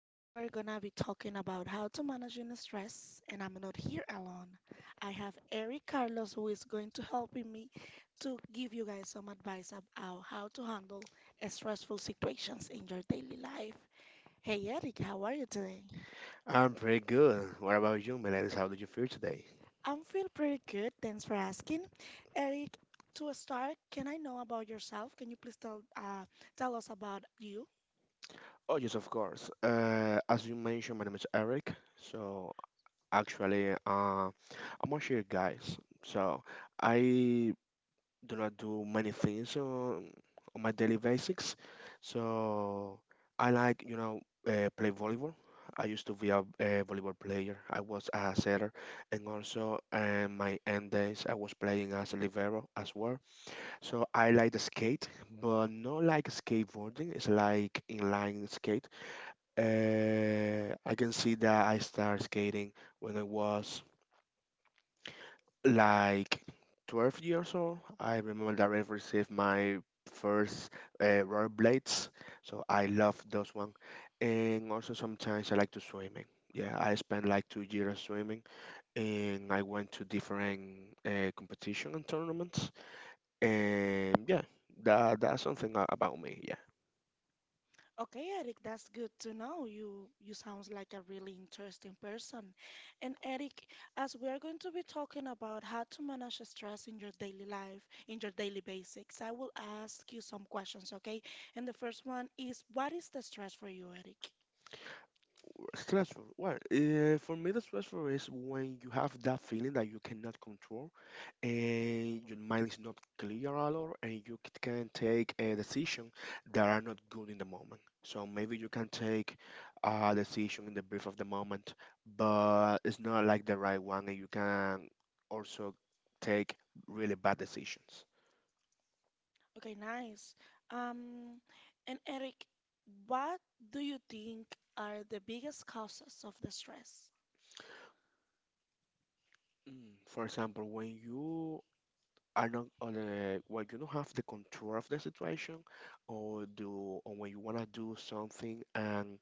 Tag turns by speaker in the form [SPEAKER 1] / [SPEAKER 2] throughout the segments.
[SPEAKER 1] Today we're going to be talking about how to manage your stress, and I'm not here alone. I have Eric Carlos who is going to help me to give you guys some advice about how to handle stressful situations in your daily life. Hey Eric, how are you today?
[SPEAKER 2] I'm pretty good. What about you, Melendez? How did you feel today?
[SPEAKER 1] I'm feel pretty good. Thanks for asking. Eric, to start, can I know about yourself? Can you please tell tell us about you?
[SPEAKER 2] Oh, yes, of course. As you mentioned, my name is Eric. So, actually, I'm a share guys. So, I do not do many things on my daily basics. So, I like, play volleyball. I used to be a volleyball player. I was a setter, and also my end days I was playing as a libero as well. So I like the skate, but not like skateboarding. It's like inline skate. I can see that I started skating when I was like 12 years old. I remember that I received my first roller blades, so I love those one. And also sometimes I like to swimming. Yeah, I spent like 2 years swimming, and I went to different competition and tournaments. And yeah, that's something about me. Yeah.
[SPEAKER 1] Okay, Eric, that's good to know. You sounds like a really interesting person. And Eric, as we are going to be talking about how to manage stress in your daily life, in your daily basics, I will ask you some questions, okay? And the first one is, what is the stress for you, Eric?
[SPEAKER 2] Stressful. Well, for me, the stressful is when you have that feeling that you cannot control and your mind is not clear a lot, and you can take a decision that are not good in the moment. So maybe you can take a decision in the brief of the moment, but it's not like the right one, and you can also take really bad decisions.
[SPEAKER 1] Okay, nice. Um, and Eric, what do you think are the biggest causes of the stress?
[SPEAKER 2] For example, when you are not on a well you don't have the control of the situation or do or when you want to do something and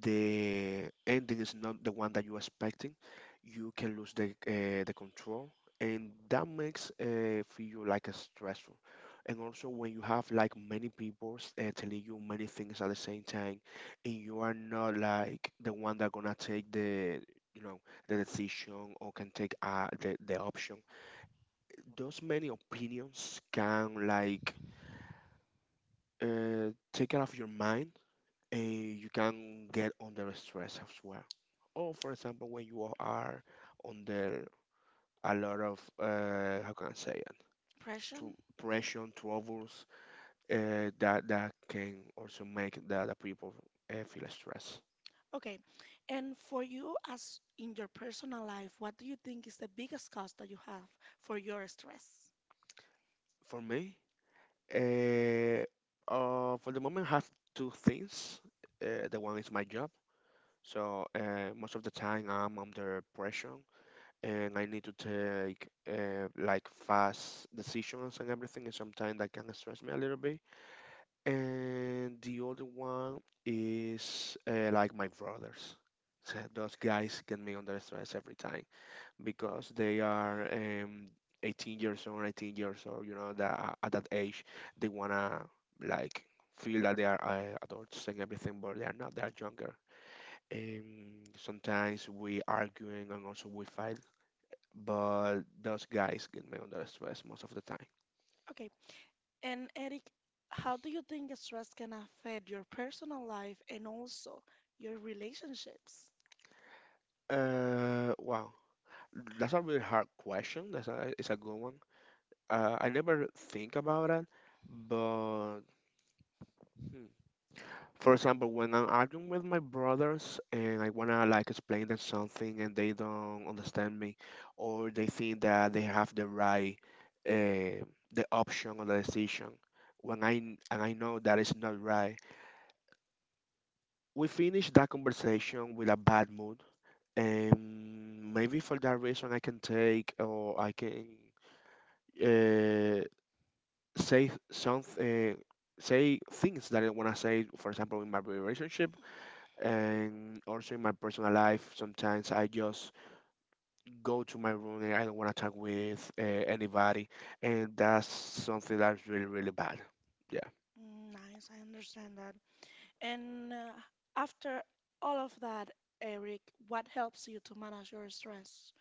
[SPEAKER 2] the ending is not the one that you're expecting you can lose the control, and that makes feel like a stressful. And also when you have like many people telling you many things at the same time and you are not like the one that gonna take the, you know, the decision or can take the option, those many opinions can like take it off your mind, and you can get under stress as well. Or for example, when you are under a lot of how can I say it?
[SPEAKER 1] Depression?
[SPEAKER 2] Pressure, troubles, that can also make the other people feel stress.
[SPEAKER 1] Okay. And for you, as in your personal life, what do you think is the biggest cause that you have for your stress?
[SPEAKER 2] For me, uh, for the moment, I have two things. The one is my job. So most of the time I'm under pressure and I need to take like fast decisions and everything, and sometimes that can stress me a little bit. And the other one is like my brothers. So those guys get me under stress every time because they are 18 years old, 19 years old. You know that at that age they wanna like feel that they are adults and everything, but they are not. They are younger, and sometimes we arguing and also we fight, but those guys get me under stress most of the time.
[SPEAKER 1] Okay. And Eric, how do you think stress can affect your personal life and also your relationships?
[SPEAKER 2] Wow, that's a really hard question. It's a good one. I never think about it, but hmm. For example, when I'm arguing with my brothers and I wanna like explain them something and they don't understand me, or they think that they have the right, uh, the option or the decision, when I and I know that it's not right. We finished that conversation with a bad mood, and maybe for that reason I can take or I can uh, say something, say things that I want to say. For example, in my relationship and also in my personal life, sometimes I just go to my room and I don't want to talk with anybody, and that's something that's really really bad. Yeah.
[SPEAKER 1] Mm, nice. I understand. And after all of that, Eric, what helps you to manage your stress?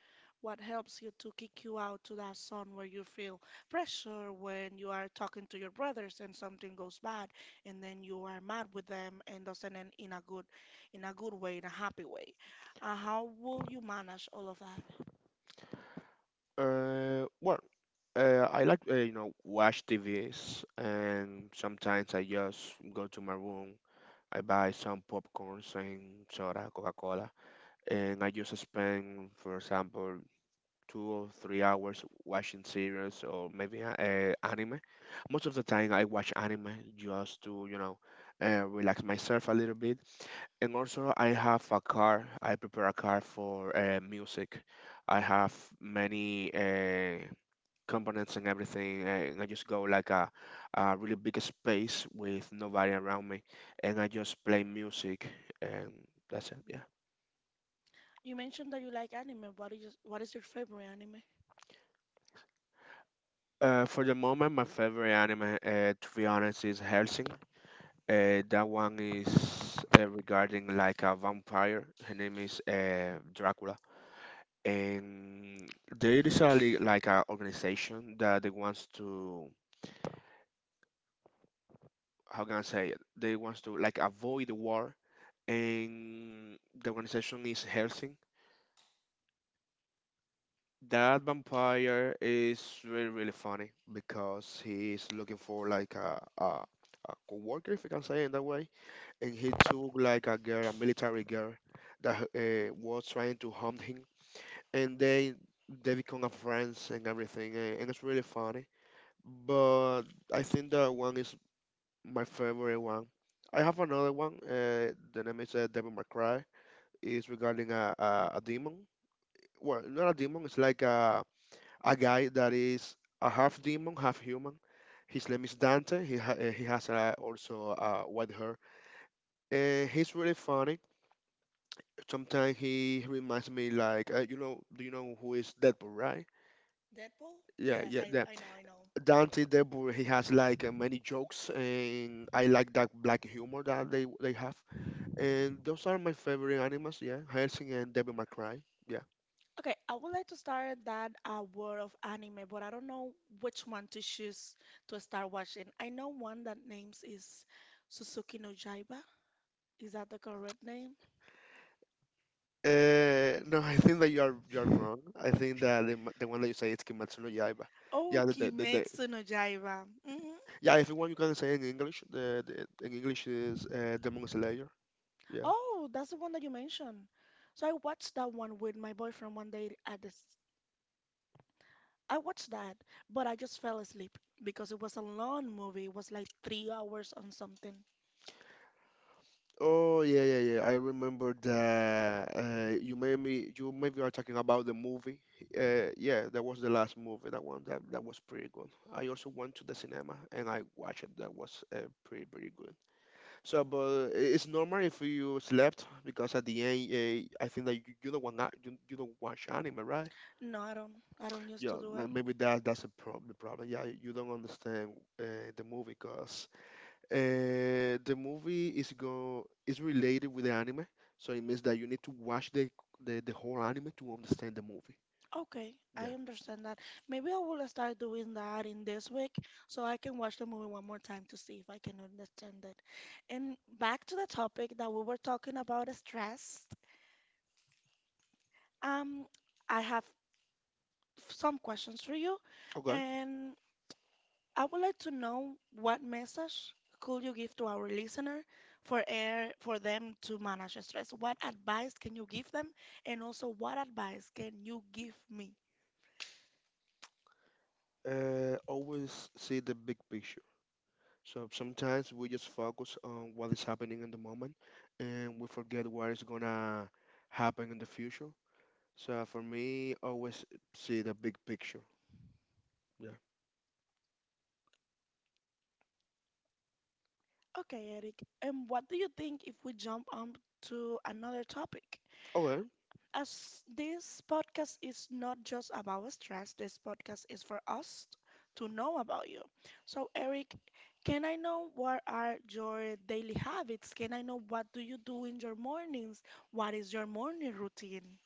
[SPEAKER 1] What helps you to kick you out to that zone where you feel pressure when you are talking to your brothers and something goes bad, and then you are mad with them and doesn't end in a good way, in a happy way? How will you manage all of that?
[SPEAKER 2] Well, I like, you know, watch T V's, and sometimes I just go to my room. I buy some popcorns and soda, Coca-Cola, and I just spend, for example, 2 or 3 hours watching series or maybe anime. Most of the time, I watch anime just to, you know, relax myself a little bit. And also, I have a car. I prepare a car for music. I have many components and everything, and I just go like a really big space with nobody around me, and I just play music, and that's it. Yeah.
[SPEAKER 1] You mentioned that you like anime. What is your favorite anime?
[SPEAKER 2] Uh, for the moment my favorite anime, to be honest, is Helsing. That one is regarding like a vampire. Her name is Dracula, and there is like a organization that they wants to, how can I say it, they wants to like avoid the war, and the organization is Helsing. That vampire is really really funny because he's looking for like a coworker, if you can say it in that way, and he took like a girl, a military girl, that was trying to harm him, and they become a friends and everything, and it's really funny. But I think that one is my favorite one. I have another one. The name is Devil May Cry. It's regarding a demon, well, not a demon. It's like a guy that is a half demon, half human. His name is Dante. He has also white hair, and he's really funny. Sometimes he reminds me like, you know, do you know who is Deadpool, right?
[SPEAKER 1] Deadpool?
[SPEAKER 2] Yeah,
[SPEAKER 1] Yes,
[SPEAKER 2] yeah,
[SPEAKER 1] I,
[SPEAKER 2] yeah.
[SPEAKER 1] I know, I know.
[SPEAKER 2] Dante Deadpool. He has like many jokes, and I like that black humor that they have. And those are my favorite animals. Yeah, Helsing and Devil May Cry. Yeah.
[SPEAKER 1] Okay, I would like to start that world of anime, but I don't know which one to choose to start watching. I know one that names is Suzuki no Jaiba. Is that the correct name?
[SPEAKER 2] No, I think that you are wrong. I think that the one that you say is Kimetsu no Yaiba.
[SPEAKER 1] Oh,
[SPEAKER 2] Yeah, the
[SPEAKER 1] Kimetsu no Jaiba. Hmm
[SPEAKER 2] yeah. If you want, you can say in English. The in English is Demon Slayer. Yeah.
[SPEAKER 1] Oh, that's the one that you mentioned. So I watched that one with my boyfriend one day at this. I watched that, but I just fell asleep because it was a long movie. It was like 3 hours on something.
[SPEAKER 2] Oh yeah, yeah, yeah. I remember that. You maybe are talking about the movie. Yeah, that was the last movie. That one that that was pretty good. I also went to the cinema and I watched it. That was pretty pretty good. So, but it's normal if you slept because at the end, I think that you don't want that you don't watch anime, right?
[SPEAKER 1] No, I don't. I don't used to
[SPEAKER 2] Yeah,
[SPEAKER 1] do
[SPEAKER 2] ma-
[SPEAKER 1] it.
[SPEAKER 2] maybe that that's a prob the problem. Yeah, you don't understand uh, the movie because the movie is related with the anime, so it means that you need to watch the whole anime to understand the movie.
[SPEAKER 1] Okay,
[SPEAKER 2] Yeah.
[SPEAKER 1] I understand that. Maybe I will start doing that in this week so I can watch the movie one more time to see if I can understand it. And back to the topic that we were talking about, stress. Um, I have some questions for you,
[SPEAKER 2] Okay.
[SPEAKER 1] and I would like to know what message could you give to our listener for air for them to manage stress? What advice can you give them? And also, what advice can you give me?
[SPEAKER 2] Always see the big picture. So sometimes we just focus on what is happening in the moment, and we forget what is gonna happen in the future. So for me, always see the big picture. Yeah.
[SPEAKER 1] Okay, Eric. And what do you think if we jump on to another topic?
[SPEAKER 2] Okay.
[SPEAKER 1] As this podcast is not just about stress, this podcast is for us to know about you. So, Eric, can I know what are your daily habits? Can I know what do you do in your mornings? What is your morning routine?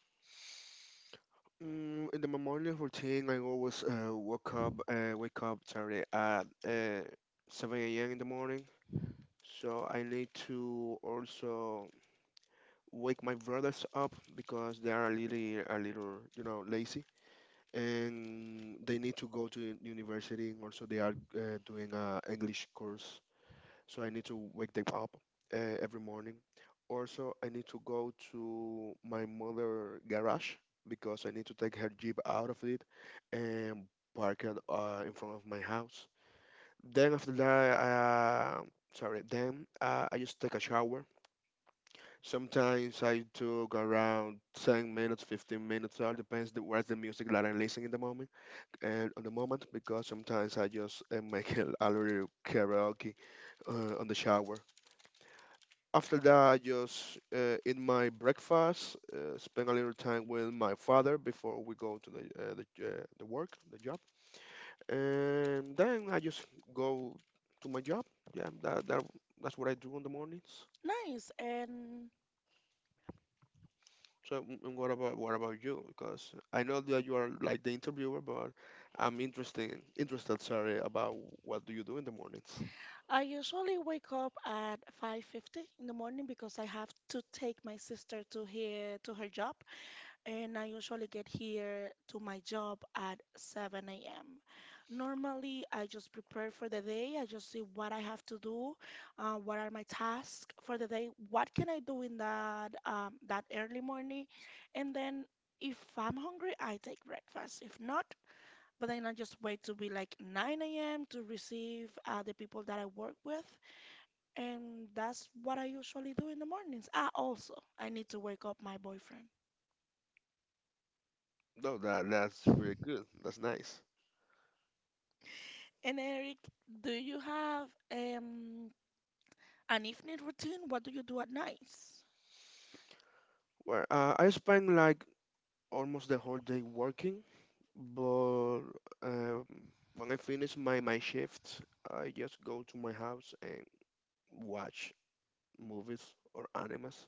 [SPEAKER 2] Mm, in the morning routine, I always wake up, sorry, at 7 a.m. in the morning. So I need to also wake my brothers up because they are a little, you know, lazy, and they need to go to university, and also they are doing a english course, so I need to wake them up every morning. Also I need to go to my mother garage because I need to take her jeep out of it and park it in front of my house. Then after that, sorry then I just take a shower. Sometimes I took around 10 minutes, 15 minutes, all depends the, where's the music that I'm listening in the moment and on the moment, because sometimes I just make a little karaoke on the shower. After that, I just eat my breakfast, spend a little time with my father before we go to the job, and then I just go to my job. Yeah, that's what I do on the mornings.
[SPEAKER 1] Nice. And
[SPEAKER 2] So, mm, and what about you? Because I know that you are like the interviewer, but I'm interested, sorry, about what do you do in the mornings.
[SPEAKER 1] I usually wake up at 5:50 in the morning because I have to take my sister to here to her job, and I usually get here to my job at 7 a.m. Normally, I just prepare for the day. I just see what I have to do, what are my tasks for the day, what can I do in that that early morning, and then if I'm hungry, I take breakfast. If not, but then I just wait to be like 9 a.m. to receive the people that I work with, and that's what I usually do in the mornings. Ah, also, I need to wake up my boyfriend.
[SPEAKER 2] No, that's pretty good. That's nice.
[SPEAKER 1] And Eric, do you have an evening routine? What do you do at nights?
[SPEAKER 2] Well, I spend like almost the whole day working, but um, when I finish my shift, I just go to my house and watch movies or animes.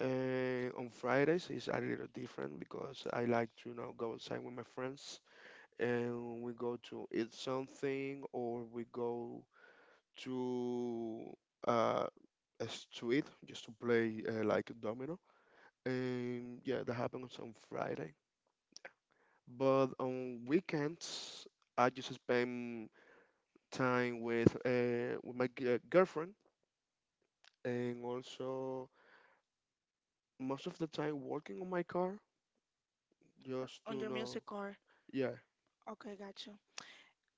[SPEAKER 2] And on Fridays is a little different because I like to, you know, go outside with my friends, and we go to eat something or we go to uh, a street just to play like domino, and yeah, that happens on Friday. But on weekends, I just spend time with with my girlfriend, and also most of the time working on my car,
[SPEAKER 1] Or
[SPEAKER 2] just
[SPEAKER 1] on
[SPEAKER 2] to
[SPEAKER 1] your
[SPEAKER 2] know.
[SPEAKER 1] music or
[SPEAKER 2] Yeah,
[SPEAKER 1] okay, gotcha.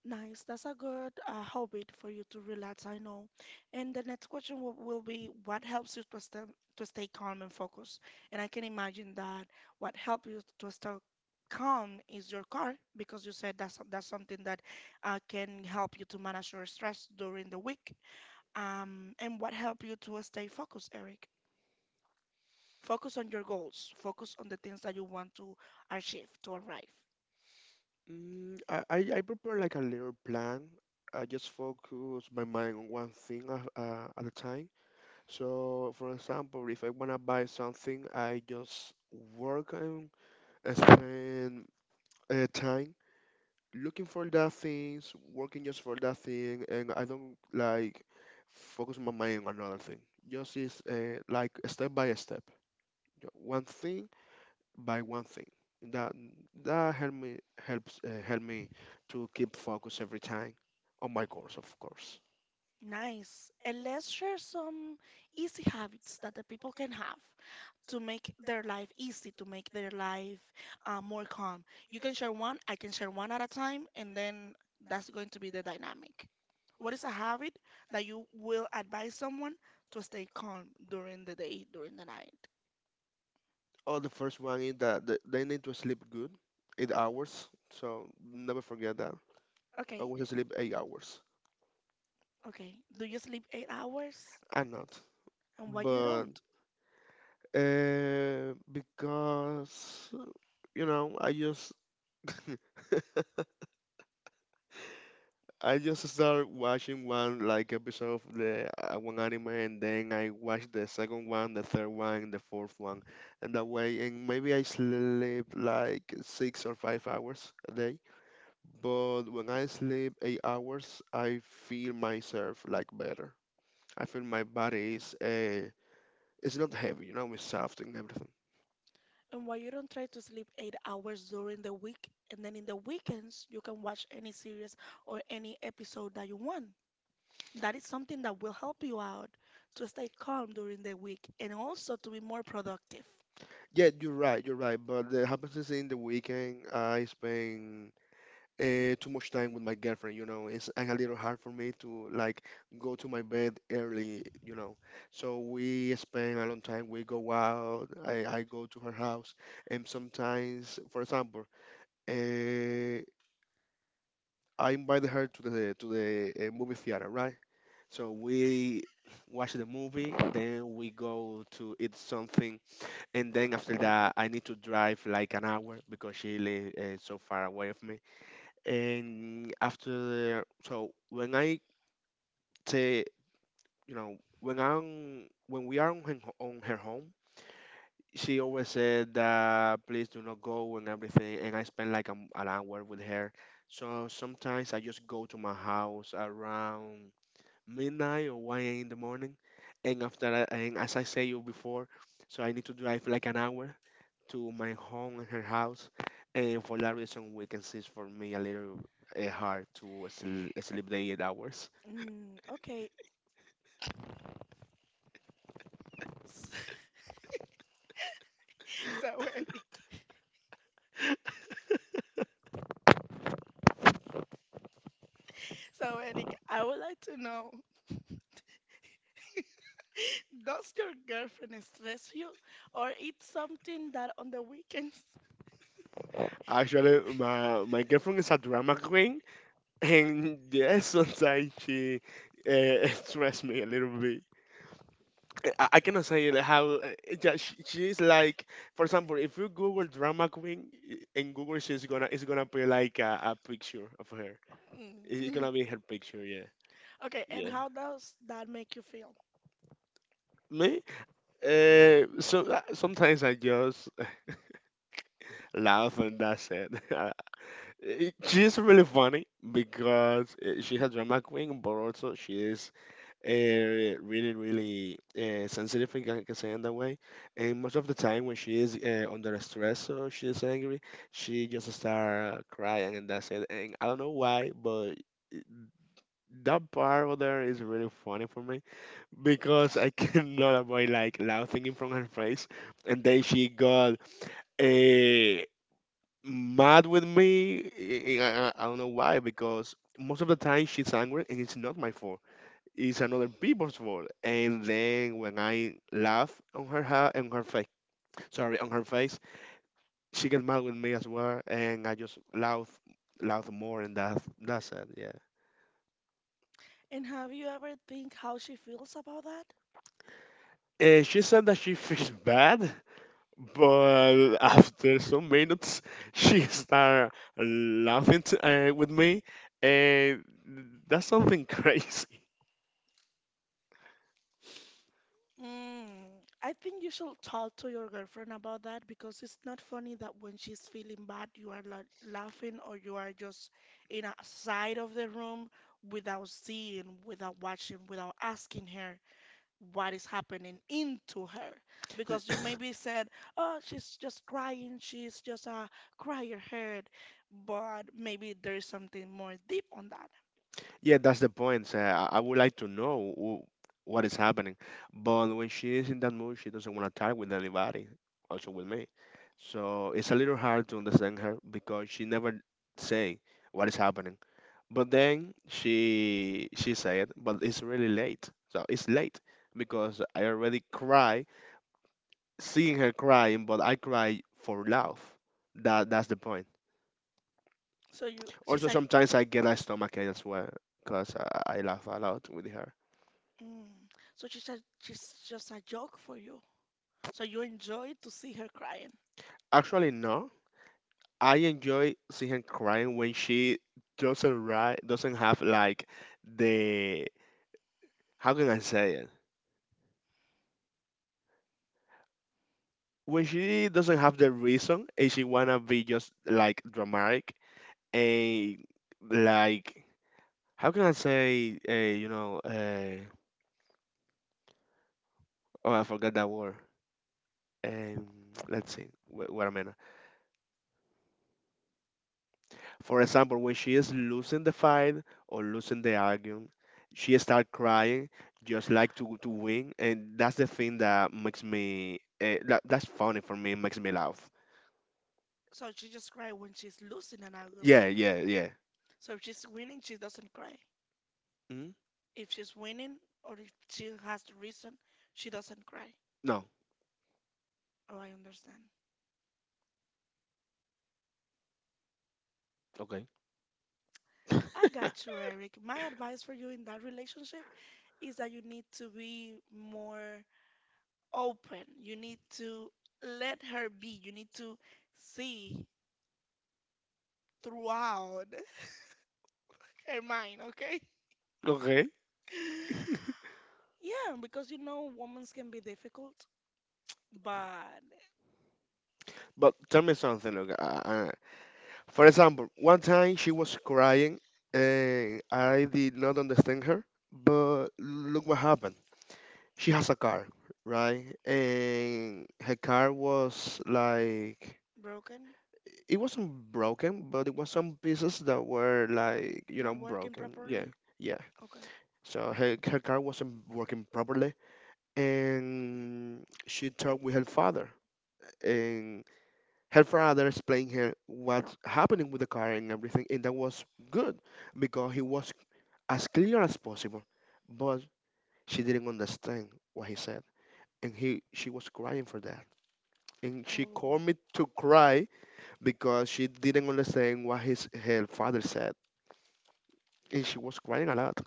[SPEAKER 1] Nice. That's a good hobby for you to relax, I know. And the next question will be what helps you to stay calm and focused? And I can imagine that what helps you to stay calm is your car because you said that's something that can help you to manage your stress during the week. And what help you to stay focused, Eric? Focus on your goals. Focus on the things that you want to achieve, to arrive.
[SPEAKER 2] I prepare like a little plan. I just focus my mind on one thing at a time. So, for example, if I wanna buy something, I just work and spend time looking for that things, working just for that thing, and I don't like focus my mind on another thing. Just is like step by step, one thing by one thing. That that helps help me to keep focus every time on my goals, of course.
[SPEAKER 1] Nice. And let's share some easy habits that the people can have to make their life easy, to make their life more calm. You can share one, I can share one at a time, and then that's going to be the dynamic. What is a habit that you will advise someone to stay calm during the day, during the night?
[SPEAKER 2] Oh, the first one is that they need to sleep good, 8 hours. So never forget that. I
[SPEAKER 1] Okay,
[SPEAKER 2] was asleep 8 hours.
[SPEAKER 1] okay. Do you sleep 8 hours?
[SPEAKER 2] I'm not,
[SPEAKER 1] And why you
[SPEAKER 2] but
[SPEAKER 1] don't?
[SPEAKER 2] because I just I just started watching one like episode of the one anime, and then I watched the second one, the third one, and the fourth one, and that way, and maybe I sleep like 6 or 5 hours a day. But when I sleep 8 hours, I feel myself like better. I feel my body is it's not heavy, you know, it's soft and everything.
[SPEAKER 1] And why you don't try to sleep 8 hours during the week, and then in the weekends you can watch any series or any episode that you want. That is something that will help you out to stay calm during the week and also to be more productive.
[SPEAKER 2] Yeah, you're right, you're right. But that happens is in the weekend, I spend too much time with my girlfriend, you know. It's a little hard for me to like go to my bed early, you know. So we spend a long time. We go out. I go to her house, and sometimes, for example, uh, I invite her to the movie theater, right? So we watch the movie, then we go to eat something and then after that I need to drive like an hour because she lives so far away of me and after so when I say, when we are on on her home she always said that please do not go and everything and I spend like an hour with her so sometimes I just go to my house around midnight or 1 a.m. in the morning. And after that, and as I say you before, so I need to drive like an hour to my home and her house. And for that reason, weekends is for me a little hard to sleep the 8 hours.
[SPEAKER 1] Mm, okay. So Eric, so Eric, I would like to know, does your girlfriend stress you, or it's something that on the weekends?
[SPEAKER 2] Actually, my girlfriend is a drama queen. And yes, sometimes she stress me a little bit. I cannot say it how yeah, she is like for example if you google drama queen in google she's gonna it's gonna be like a picture of her it's
[SPEAKER 1] Mm.
[SPEAKER 2] gonna be her picture yeah
[SPEAKER 1] Okay, and
[SPEAKER 2] yeah
[SPEAKER 1] how does that make you feel?
[SPEAKER 2] me so sometimes I just laugh and that's it She's really funny because she's a drama queen but also she is uh, really, really sensitive, if I can say in that way. And most of the time, when she is under stress or she is angry, she just start crying, and that's it. And I don't know why, but that part of there is really funny for me because I cannot avoid like laughing in front of her face. And then she got uh, mad with me. I don't know why, because most of the time she's angry, and it's not my fault is another people's fault. And then when I laugh on on her face, sorry, on her face, she get mad with me as well, and I just laugh, laugh more, and that's it. Yeah.
[SPEAKER 1] And have you ever think how she feels about that?
[SPEAKER 2] And she said that she feels bad, but after some minutes, she start laughing t with me, and that's something crazy.
[SPEAKER 1] Mm, I think you should talk to your girlfriend about that because it's not funny that when she's feeling bad, you are la laughing or you are just in a side of the room without seeing, without watching, without asking her what is happening into her. Because you maybe said, "Oh, she's just crying, she's just a crier head, but maybe there's something more deep on that."
[SPEAKER 2] Yeah, that's the point. So I would like to know what is happening. But when she is in that mood, she doesn't want to talk with anybody, also with me. So it's a little hard to understand her because she never say what is happening. But then she said, but it's really late. So it's late because I already cry, seeing her crying, but I cry for love. That's the point.
[SPEAKER 1] So you, she's
[SPEAKER 2] Also,
[SPEAKER 1] like.
[SPEAKER 2] sometimes I get a stomachache as well because I laugh a lot with her.
[SPEAKER 1] Mm. So she's just a joke for you. So you enjoy to see her crying.
[SPEAKER 2] Actually, no. I enjoy seeing her crying when she doesn't have like the how can I say it? When she doesn't have the reason and she wanna be just like dramatic and like how can I say oh I forgot that word. Um, let's see what I mean. For example, when she is losing the fight or losing the argument, she start crying, just like to win, and that's the thing that makes me that's funny for me, makes me laugh.
[SPEAKER 1] So she just cry when she's losing an
[SPEAKER 2] Yeah,
[SPEAKER 1] argument.
[SPEAKER 2] yeah, yeah.
[SPEAKER 1] So if she's winning, she doesn't cry.
[SPEAKER 2] Mhm.
[SPEAKER 1] If she's winning or if she has the reason, she doesn't cry.
[SPEAKER 2] No,
[SPEAKER 1] Oh, I understand.
[SPEAKER 2] okay,
[SPEAKER 1] I got you, Eric. My advice for you in that relationship is that you need to be more open. You need to let her be. You need to see throughout her mind, okay?
[SPEAKER 2] okay.
[SPEAKER 1] Yeah, because you know, women can be difficult, but
[SPEAKER 2] But tell me something, look. For example, one time she was crying, and I did not understand her. But look what happened. She has a car, right? And her car was like
[SPEAKER 1] broken,
[SPEAKER 2] it wasn't broken, but it was some pieces that were like you know
[SPEAKER 1] not working
[SPEAKER 2] broken.
[SPEAKER 1] properly.
[SPEAKER 2] Yeah, yeah.
[SPEAKER 1] Okay.
[SPEAKER 2] So her car wasn't working properly, and she talked with her father, and her father explained her what's happening with the car and everything, and that was good because he was as clear as possible, but she didn't understand what he said, and he she was crying for that and she called me to cry because she didn't understand what his her father said, and she was crying a lot.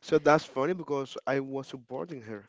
[SPEAKER 2] So that's funny because I was supporting her.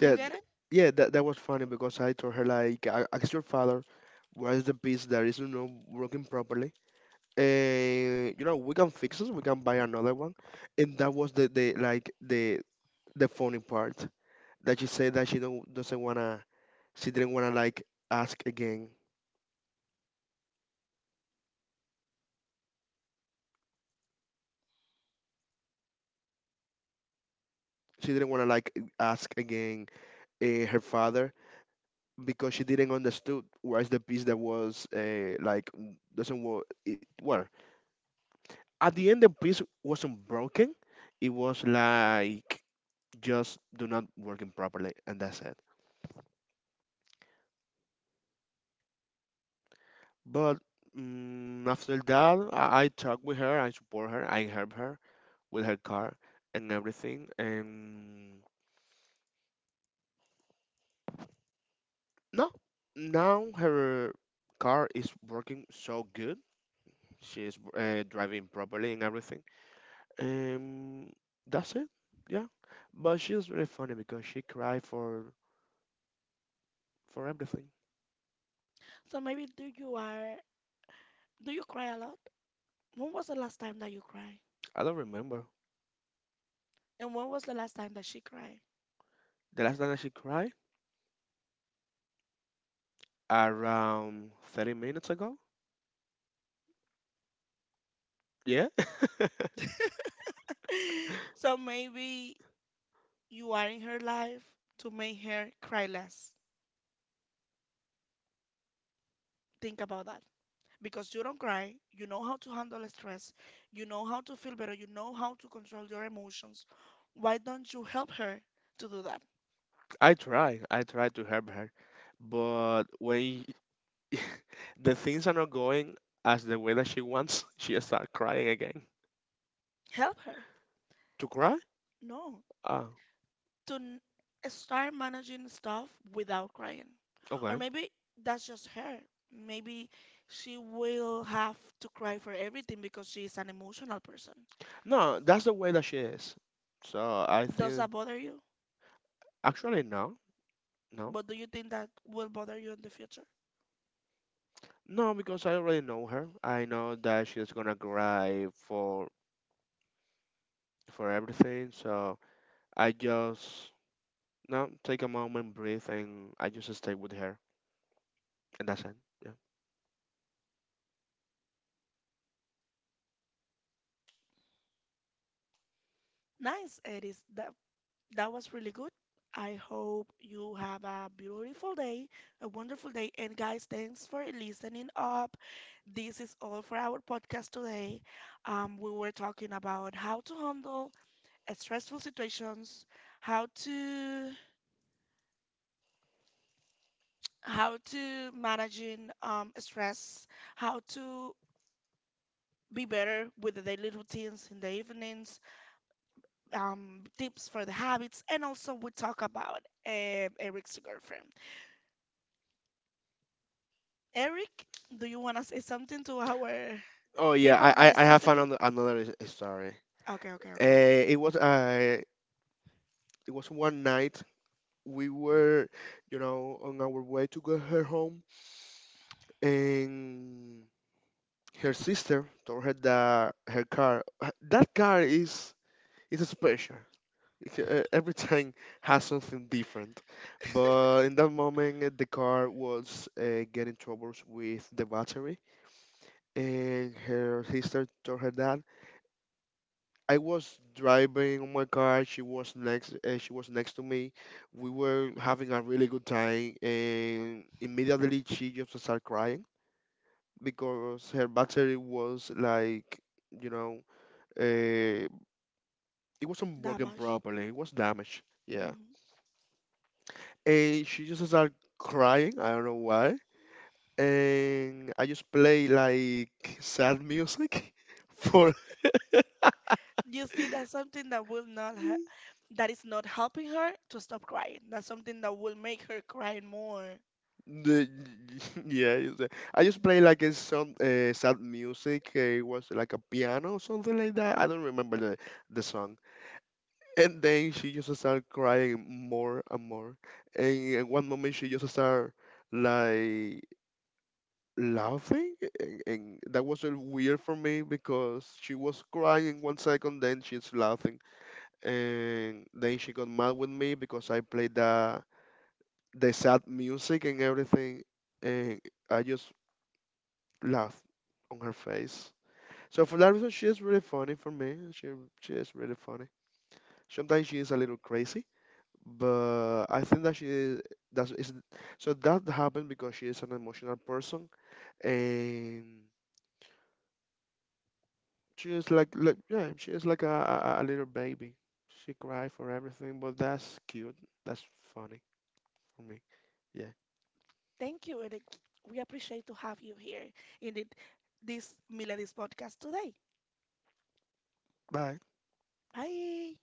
[SPEAKER 2] Yeah, th- yeah, that was funny because I told her like, Ask your father, what is the piece that is not working properly, and you know we can fix it, we can buy another one, and that was the like the funny part that she said that she don't doesn't wanna, she didn't wanna like ask again she didn't want to like ask again her father because she didn't understood where's the piece that was doesn't work it well at the end the piece wasn't broken it was like just do not working properly and that's it but after that I talk with her I support her I help her with her car and everything and no now her car is working so good she's driving properly and everything. Um, that's it. Yeah, but she's really funny because she cried for everything.
[SPEAKER 1] So maybe do you are do you cry a lot? When was the last time that you cried?
[SPEAKER 2] I don't remember
[SPEAKER 1] And when was the last time that she cried?
[SPEAKER 2] the last time that she cried around 30 minutes ago. Yeah,
[SPEAKER 1] So maybe you are in her life to make her cry less. Think about that. Because you don't cry, you know how to handle stress, you know how to feel better, you know how to control your emotions. Why don't you help her to do that?
[SPEAKER 2] I try. I try to help her, but when y- the things are not going as the way that she wants, she start crying again.
[SPEAKER 1] Help her.
[SPEAKER 2] To cry?
[SPEAKER 1] No,
[SPEAKER 2] Ah,
[SPEAKER 1] to start managing stuff without crying. Or
[SPEAKER 2] okay.
[SPEAKER 1] maybe that's just her. Maybe she will have to cry for everything because she is an emotional person.
[SPEAKER 2] No, that's the way that she is. So I
[SPEAKER 1] Does
[SPEAKER 2] think
[SPEAKER 1] that bother you?
[SPEAKER 2] actually no. No?
[SPEAKER 1] But do you think that will bother you in the future?
[SPEAKER 2] No, because I already know her. I know that she's gonna cry for everything, so I just no take a moment, breathe, and I just stay with her, and that's it. Yeah.
[SPEAKER 1] Nice, Edis. That was really good. I hope you have a beautiful day, a wonderful day. And guys, thanks for listening up. This is all for our podcast today. We were talking about how to handle stressful situations, how to how to managing stress, how to be better with the daily routines in the evenings, tips for the habits, and also we talk about Eric's girlfriend. Eric, do you want to say something to our
[SPEAKER 2] Oh yeah,
[SPEAKER 1] people
[SPEAKER 2] I
[SPEAKER 1] that
[SPEAKER 2] I,
[SPEAKER 1] is
[SPEAKER 2] I have
[SPEAKER 1] listening?
[SPEAKER 2] another is story.
[SPEAKER 1] Okay, okay, okay.
[SPEAKER 2] Uh, it was uh it was one night we were you know on our way to get her home, and her sister told her that her car that car is special. Like, every time has something different. But in that moment, the car was getting troubles with the battery, and her sister told her dad, "I was driving on my car. She was next. She was next to me. We were having a really good time, and immediately she just started crying because her battery was like, you know, uh, it wasn't working
[SPEAKER 1] Damage.
[SPEAKER 2] properly. It was damaged. Yeah. And she just started crying. I don't know why. And I just play like sad music for
[SPEAKER 1] You see that's something that will not ha- that is not helping her to stop crying, that's something that will make her cry more.
[SPEAKER 2] the yeah. It's, I just play like a some sad music. It was like a piano or something like that. I don't remember the song. And then she just started crying more and more. And at one moment she just started like laughing and that was a weird for me because she was crying one second then she's laughing and then she got mad with me because I played the sad music and everything and I just laughed on her face. So for that reason she is really funny for me. She is really funny. Sometimes she is a little crazy, but I think that she is that is so that happened because she is an emotional person and she is like yeah, she is like a little baby. She cry for everything, but that's cute. That's funny for me. Yeah.
[SPEAKER 1] Thank you, and we appreciate to have you here in the, this milady's podcast today.
[SPEAKER 2] Bye.
[SPEAKER 1] Bye.